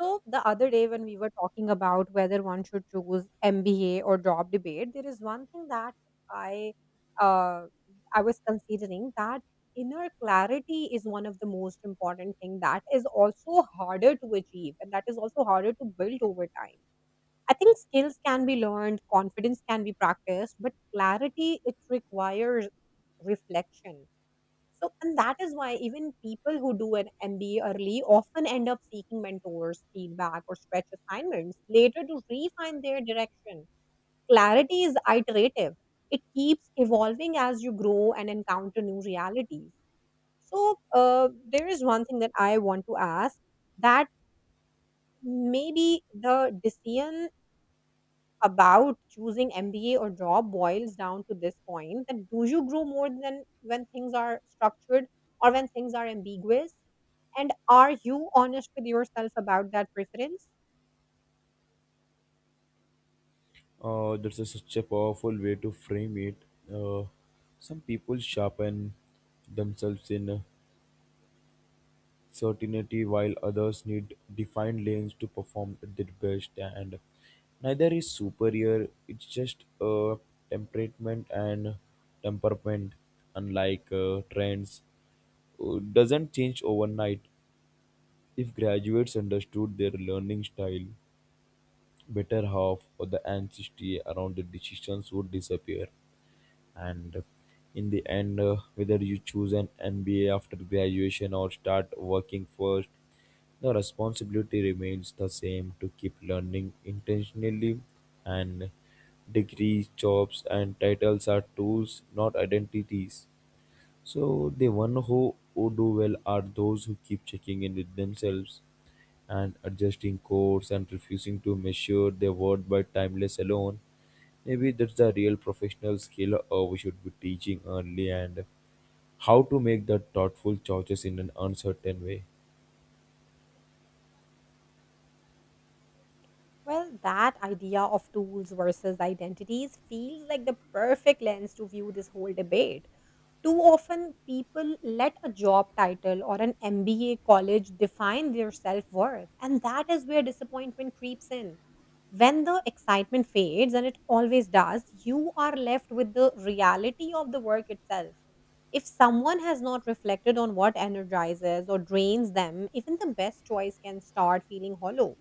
So the other day when we were talking about whether one should choose MBA or job debate, there is one thing that I uh, I was considering that inner clarity is one of the most important thing that is also harder to achieve and that is also harder to build over time. I think skills can be learned, confidence can be practiced, but clarity it requires reflection so, and that is why even people who do an MBA early often end up seeking mentors, feedback, or stretch assignments later to refine their direction. Clarity is iterative, it keeps evolving as you grow and encounter new realities. So, there is one thing that I want to ask that maybe the decision about choosing MBA or job boils down to this point that do you grow more than when things are structured or when things are ambiguous? And are you honest with yourself about that preference? That's such a powerful way to frame it. Uh, some people sharpen themselves in certainty, while others need defined lanes to perform at their best. And neither is superior. It's just a temperament and temperament, unlike trends, doesn't change overnight. If graduates understood their learning style better, half of the anxiety around the decisions would disappear. And in the end, whether you choose an MBA after graduation or start working first, the responsibility remains the same, to keep learning intentionally. And degrees, jobs and titles are tools, not identities. So the one who do well are those who keep checking in with themselves and adjusting course and refusing to measure their worth by timeless alone. Maybe that's the real professional skill we should be teaching early, and how to make the thoughtful choices in an uncertain way. Well, that idea of tools versus identities feels like the perfect lens to view this whole debate. Too often, people let a job title or an MBA college define their self worth, and that is where disappointment creeps in. When the excitement fades, and it always does, you are left with the reality of the work itself. If someone has not reflected on what energizes or drains them, even the best choice can start feeling hollow.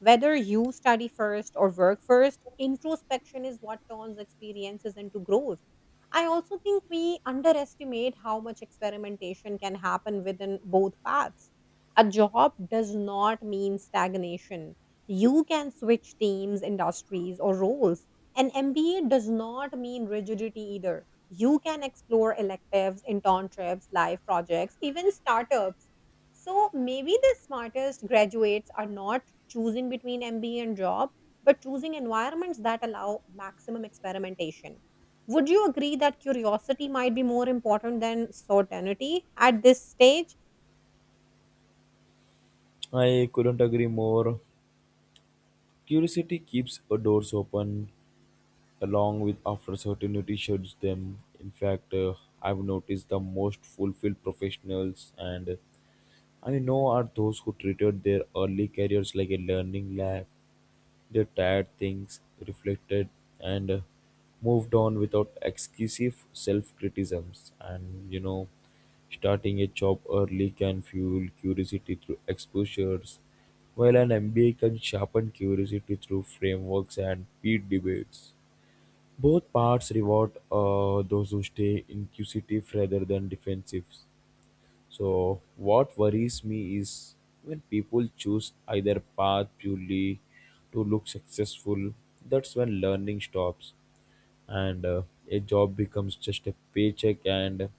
Whether you study first or work first, introspection is what turns experiences into growth. I also think we underestimate how much experimentation can happen within both paths. A job does not mean stagnation. You can switch teams, industries, or roles. An MBA does not mean rigidity either. You can explore electives, internships, live projects, even startups so maybe the smartest graduates are not choosing between MBA and job, but choosing environments that allow maximum experimentation. Would you agree that curiosity might be more important than certainty at this stage? I couldn't agree more. Curiosity keeps doors open, along with after certainty shuts them. In fact, I've noticed the most fulfilled professionals and I know are those who treated their early careers like a learning lab. They tired things, reflected, and moved on without excessive self criticisms. And you know, starting a job early can fuel curiosity through exposures, while an MBA can sharpen curiosity through frameworks and peer debates. Both parts reward those who stay inquisitive rather than defensive. So what worries me is when people choose either path purely to look successful. That's when learning stops, and a job becomes just a paycheck and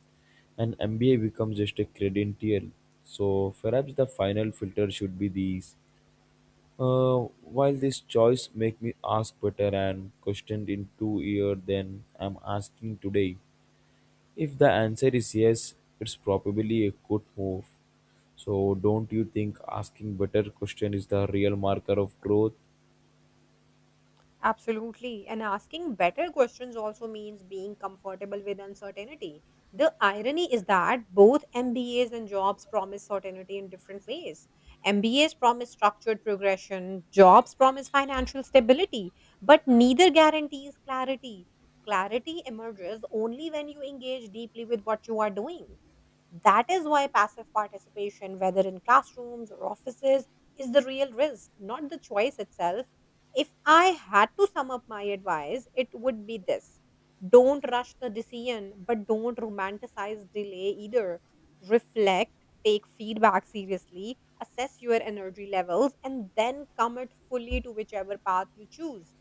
an MBA becomes just a credential. So perhaps the final filter should be these. While this choice make me ask better and questioned in two years than I'm asking today. If the answer is yes, it's probably a good move. So don't you think asking better question is the real marker of growth? Absolutely. And asking better questions also means being comfortable with uncertainty. The irony is that both MBAs and jobs promise certainty in different ways. MBAs promise structured progression, jobs promise financial stability, but neither guarantees clarity. Clarity emerges only when you engage deeply with what you are doing. That is why passive participation, whether in classrooms or offices, is the real risk, not the choice itself. If I had to sum up my advice, it would be this: don't rush the decision, but don't romanticize delay either. Reflect, take feedback seriously, assess your energy levels, and then commit fully to whichever path you choose.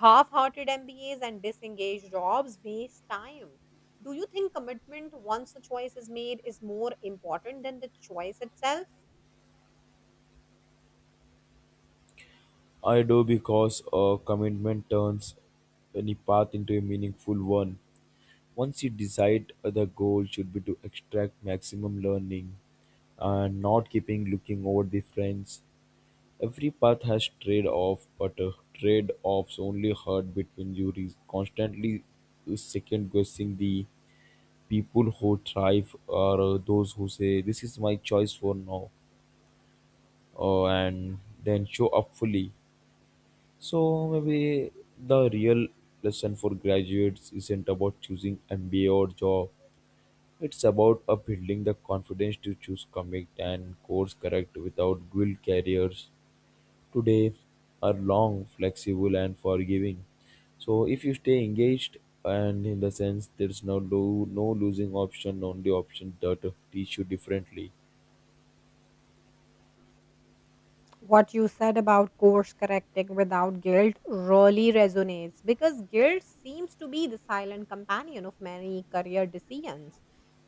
Half hearted MBAs and disengaged jobs waste time. Do you think commitment once a choice is made is more important than the choice itself? I do, because a commitment turns any path into a meaningful one. Once you decide, the goal should be to extract maximum learning and not keeping looking over the fence. Every path has trade-off, but trade-offs only hurt between you constantly second guessing. The people who thrive are those who say this is my choice for now, and then show up fully. So maybe the real lesson for graduates isn't about choosing MBA or job. It's about building the confidence to choose, commit and course correct without dual careers. Today are long, flexible, and forgiving. So if you stay engaged, and in the sense there's no losing option, only option that teach you differently. What you said about course correcting without guilt really resonates because guilt seems to be the silent companion of many career decisions.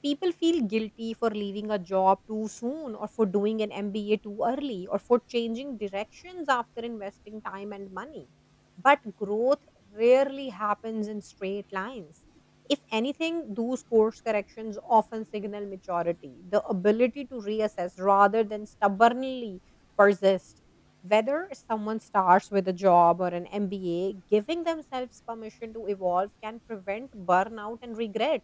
People feel guilty for leaving a job too soon, or for doing an MBA too early, or for changing directions after investing time and money. But growth rarely happens in straight lines. If anything, those course corrections often signal maturity, the ability to reassess rather than stubbornly persist. Whether someone starts with a job or an MBA, giving themselves permission to evolve can prevent burnout and regret.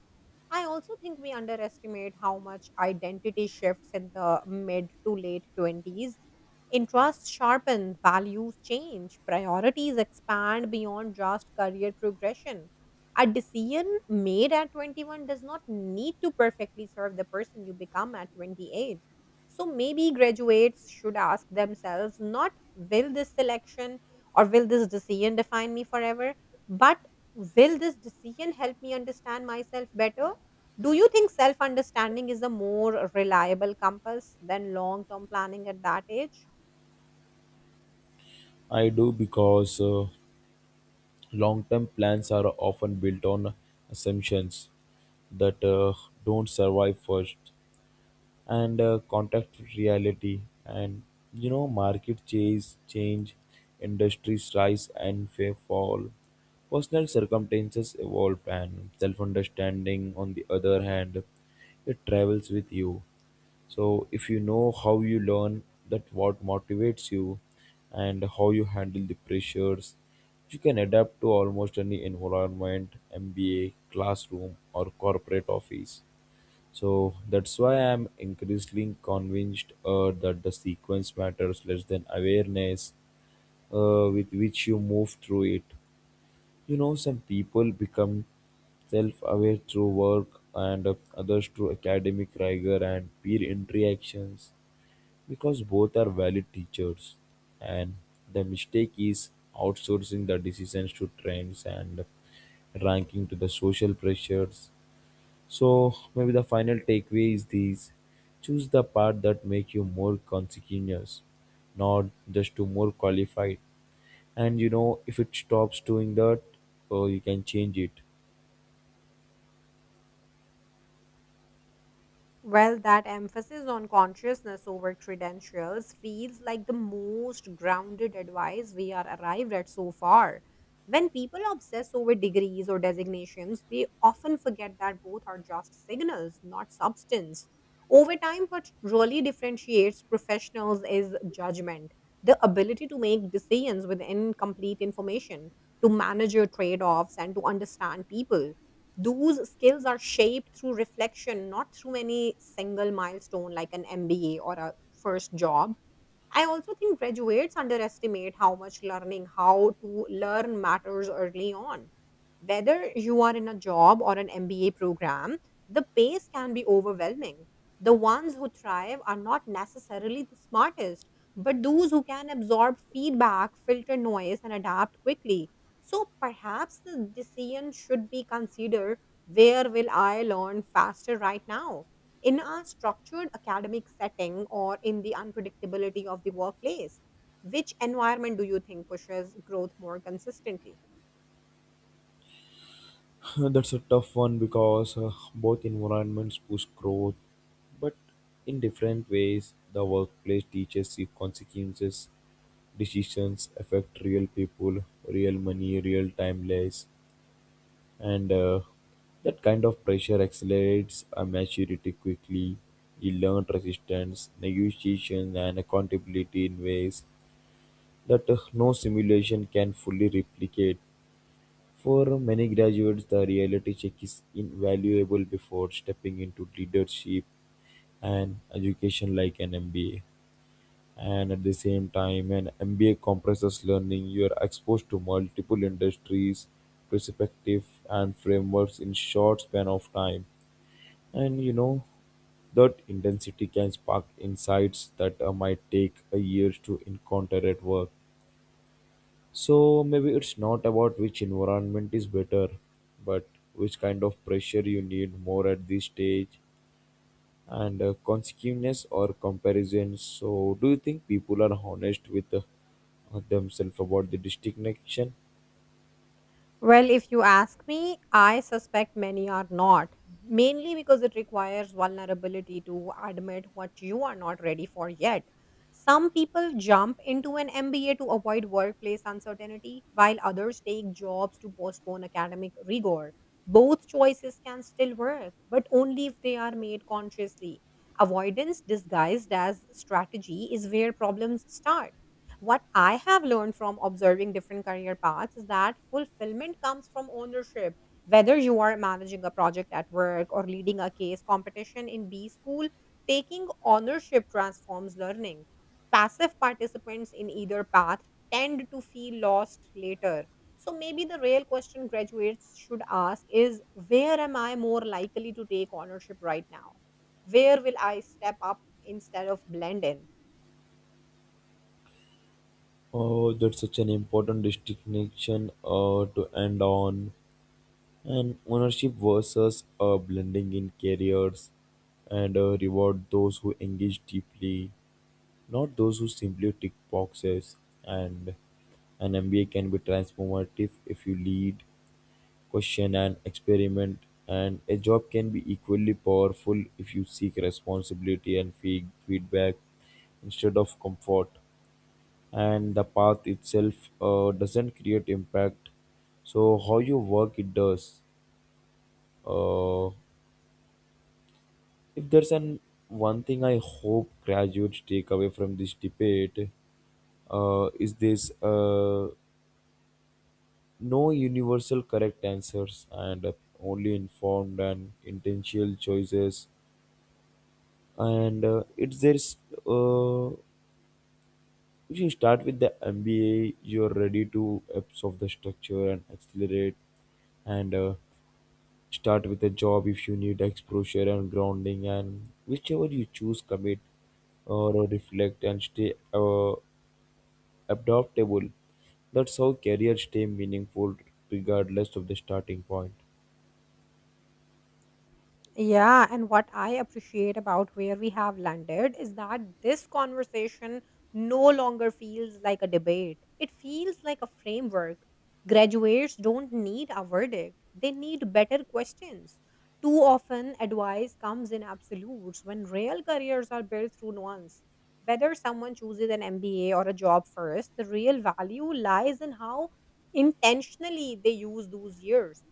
I also think we underestimate how much identity shifts in the mid to late 20s. Interests sharpen, values change, priorities expand beyond just career progression. A decision made at 21 does not need to perfectly serve the person you become at 28. So maybe graduates should ask themselves not will this selection or will this decision define me forever, but will this decision help me understand myself better? Do you think self understanding is a more reliable compass than long term planning at that age? I do, because long-term plans are often built on assumptions that don't survive first. And contact reality, and you know, market chase change, industries rise and fall, personal circumstances evolve, and self-understanding on the other hand, it travels with you. So if you know how you learn, that what motivates you, and how you handle the pressures, you can adapt to almost any environment, MBA, classroom or corporate office. So that's why I'm increasingly convinced that the sequence matters less than awareness with which you move through it. You know, some people become self aware through work and others through academic rigor and peer interactions, because both are valid teachers. And the mistake is outsourcing the decisions to trends and ranking to the social pressures. So maybe the final takeaway is these. Choose the path that make you more conscientious, not just to more qualified. And you know, if it stops doing that, oh, you can change it. Well, that emphasis on consciousness over credentials feels like the most grounded advice we are arrived at so far. When people obsess over degrees or designations, they often forget that both are just signals, not substance. Over time, what really differentiates professionals is judgment, the ability to make decisions with incomplete information, to manage your trade offs, and to understand people. Those skills are shaped through reflection, not through any single milestone like an MBA or a first job. I also think graduates underestimate how much learning, how to learn matters early on. Whether you are in a job or an MBA program, the pace can be overwhelming. The ones who thrive are not necessarily the smartest, but those who can absorb feedback, filter noise, and adapt quickly. So perhaps the decision should be considered: where will I learn faster right now? In a structured academic setting or in the unpredictability of the workplace? Which environment do you think pushes growth more consistently? That's a tough one, because both environments push growth, but in different ways. The workplace teaches you consequences, decisions affect real people, real money, real timeless. And that kind of pressure accelerates a maturity quickly. You learn resistance, negotiation, and accountability in ways that no simulation can fully replicate. For many graduates, the reality check is invaluable before stepping into leadership and education like an MBA. And at the same time, an mba compresses learning. You are exposed to multiple industries, perspective and frameworks in short span of time. And you know, that intensity can spark insights that might take a year to encounter at work. So maybe it's not about which environment is better, but which kind of pressure you need more at this stage, and consciousness or comparison. So do you think people are honest with themselves about the distinction? Well, if you ask me, I suspect many are not, mainly because it requires vulnerability to admit what you are not ready for yet. Some people jump into an MBA to avoid workplace uncertainty, while others take jobs to postpone academic rigor. Both choices can still work, but only if they are made consciously. Avoidance disguised as strategy is where problems start. What I have learned from observing different career paths is that fulfillment comes from ownership. Whether you are managing a project at work or leading a case competition in B school, taking ownership transforms learning. Passive participants in either path tend to feel lost later. So maybe the real question graduates should ask is: where am I more likely to take ownership right now? Where will I step up instead of blend in? Oh, that's such an important distinction to end on. And ownership versus blending in careers, and reward those who engage deeply, not those who simply tick boxes. And an MBA can be transformative if you lead, question and experiment, and a job can be equally powerful if you seek responsibility and feed feedback instead of comfort. And the path itself doesn't create impact, so how you work it does. uh, if there's an one thing I hope graduates take away from this debate, is this, no universal correct answers, and only informed and intentional choices. And it's there's uh, if you start with the MBA, you're ready to absorb the structure and accelerate, and start with a job if you need exposure and grounding, and whichever you choose, commit or reflect and stay adaptable. That's how careers stay meaningful regardless of the starting point. Yeah, and what I appreciate about where we have landed is that this conversation no longer feels like a debate. It feels like a framework. Graduates don't need a verdict, they need better questions. Too often, advice comes in absolutes when real careers are built through nuance. Whether someone chooses an MBA or a job first, the real value lies in how intentionally they use those years.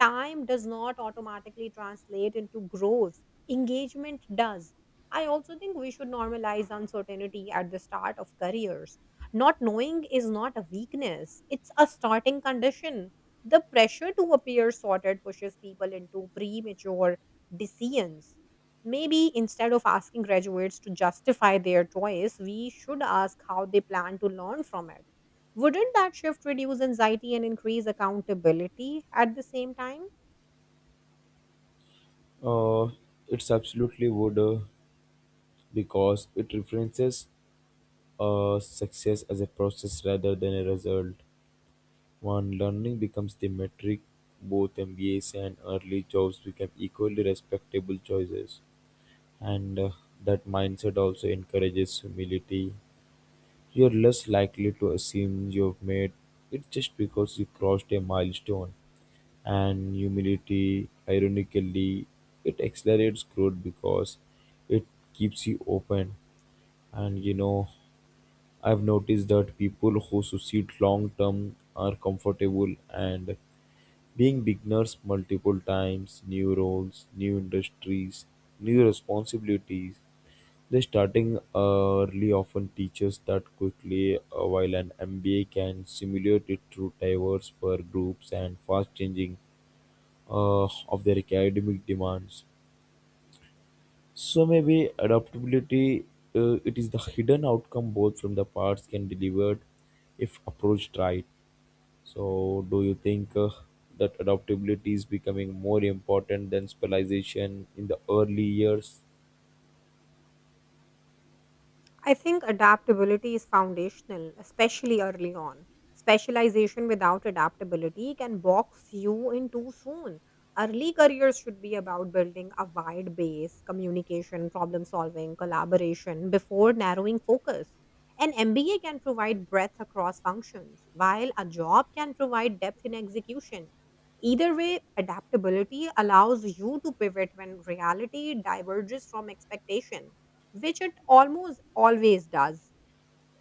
Time does not automatically translate into growth, engagement does. I also think we should normalize uncertainty at the start of careers. Not knowing is not a weakness, it's a starting condition. The pressure to appear sorted pushes people into premature decisions. Maybe instead of asking graduates to justify their choice, we should ask how they plan to learn from it. Wouldn't that shift reduce anxiety and increase accountability at the same time? Uh, it's absolutely would, because it references success as a process rather than a result. When learning becomes the metric, both MBAs and early jobs become equally respectable choices. And that mindset also encourages humility. You're less likely to assume you've made it just because you crossed a milestone. And humility, ironically, it accelerates growth because it keeps you open. And you know, I've noticed that people who succeed long term are comfortable and being beginners multiple times, new roles, new industries, new responsibilities. The starting early often teaches that quickly, while an MBA can simulate it through diverse peer groups and fast changing of their academic demands. So maybe adaptability, it is the hidden outcome both from the parts can delivered if approached right. So do you think that adaptability is becoming more important than specialization in the early years? I think adaptability is foundational, especially early on. Specialization without adaptability can box you in too soon. Early careers should be about building a wide base, communication, problem solving, collaboration before narrowing focus. An MBA can provide breadth across functions, while a job can provide depth in execution. Either way, adaptability allows you to pivot when reality diverges from expectation, which it almost always does.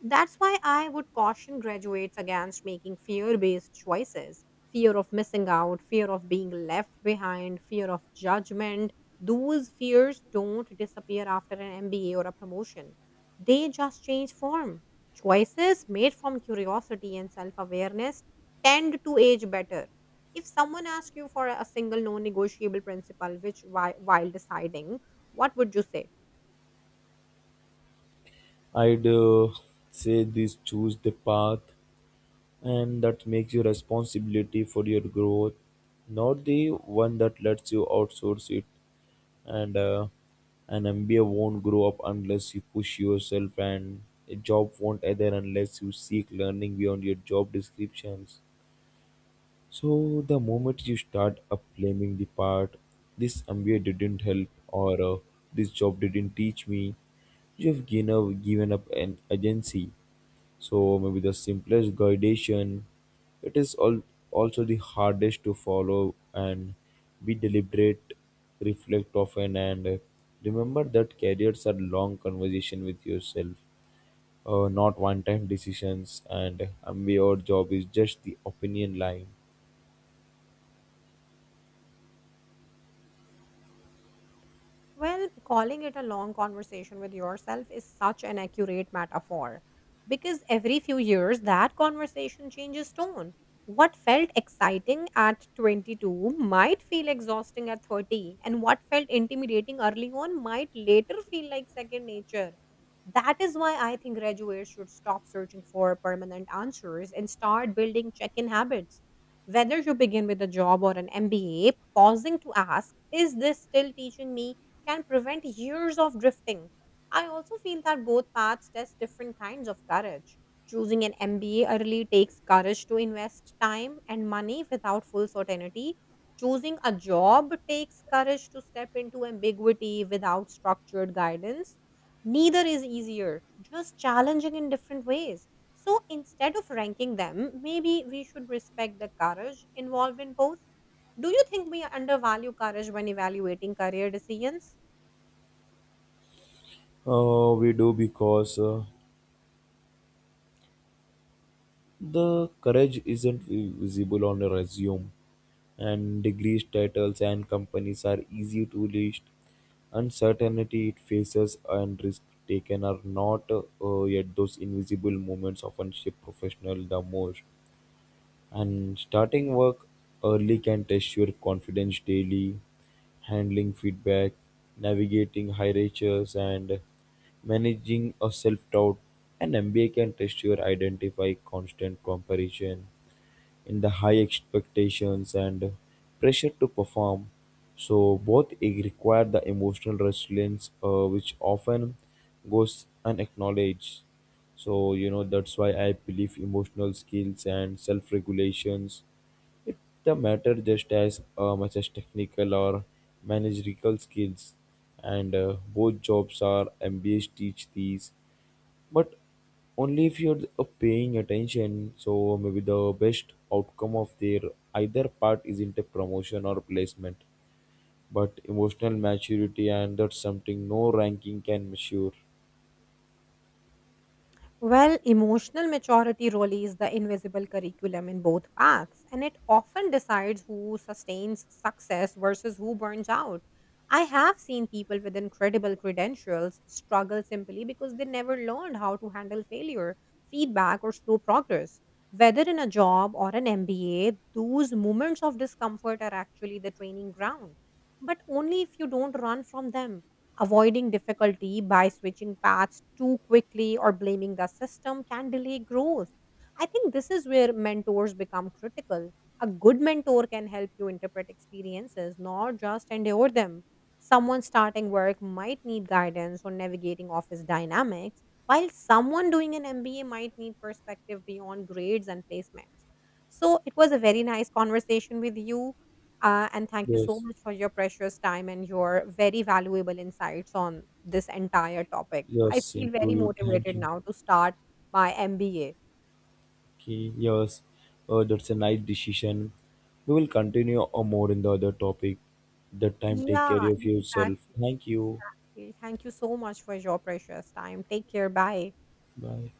That's why I would caution graduates against making fear based choices: fear of missing out, fear of being left behind, fear of judgment. Those fears don't disappear after an MBA or a promotion, they just change form. Choices made from curiosity and self awareness tend to age better. If someone asks you for a single non negotiable principle, while deciding, what would you say? I'd say this, choose the path and that makes you responsibility for your growth, not the one that lets you outsource it. And an MBA won't grow up unless you push yourself, and a job won't either unless you seek learning beyond your job descriptions. So the moment you start up blaming the part, this MBA didn't help, or this job didn't teach me, you have given up an agency. So maybe the simplest guidation, it is all also the hardest to follow, and be deliberate, reflect often, and remember that careers are long conversation with yourself, not one-time decisions. And maybe our job is just the opinion line. Well, calling it a long conversation with yourself is such an accurate metaphor because every few years that conversation changes tone. What felt exciting at 22 might feel exhausting at 30, and what felt intimidating early on might later feel like second nature. That is why I think graduates should stop searching for permanent answers and start building check in habits. Whether you begin with a job or an MBA, pausing to ask, is this still teaching me, can prevent years of drifting. I also feel that both paths test different kinds of courage. Choosing an MBA early takes courage to invest time and money without full certainty. Choosing a job takes courage to step into ambiguity without structured guidance. Neither is easier, just challenging in different ways. So instead of ranking them, maybe we should respect the courage involved in both. Do you think we undervalue courage when evaluating career decisions? We do because the courage isn't visible on a resume, and degrees, titles, and companies are easy to list. Uncertainty it faces and risk taken are not, yet those invisible moments often shape professional the most. And starting work early can test your confidence daily, handling feedback, navigating hierarchies, and managing a self doubt. An MBA can test your identify constant comparison in the high expectations and pressure to perform. So both require the emotional resilience, which often goes unacknowledged. So you know, that's why I believe emotional skills and self-regulations, it the matter just as much as technical or managerial skills. And both jobs are MBAs teach these, but only if you're paying attention. So maybe the best outcome of their either part isn't a promotion or placement, but emotional maturity, and that's something no ranking can measure. Well, emotional maturity really is the invisible curriculum in both paths, and it often decides who sustains success versus who burns out. I have seen people with incredible credentials struggle simply because they never learned how to handle failure, feedback, or slow progress. Whether in a job or an MBA, those moments of discomfort are actually the training ground, but only if you don't run from them. Avoiding difficulty by switching paths too quickly or blaming the system can delay growth. I think this is where mentors become critical. A good mentor can help you interpret experiences, not just endure them. Someone starting work might need guidance on navigating office dynamics, while someone doing an MBA might need perspective beyond grades and placements. So it was a very nice conversation with you. And thank you so Yes. much for your precious time and your very valuable insights on this entire topic. Yes, I same feel to very you, thank motivated you. now to start my MBA. Okay, yes, that's a nice decision. We will continue more in the other topic. That time take care Yeah, of yourself, exactly. thank you. Exactly. Thank you so much for your precious time. Take care. Bye. Bye.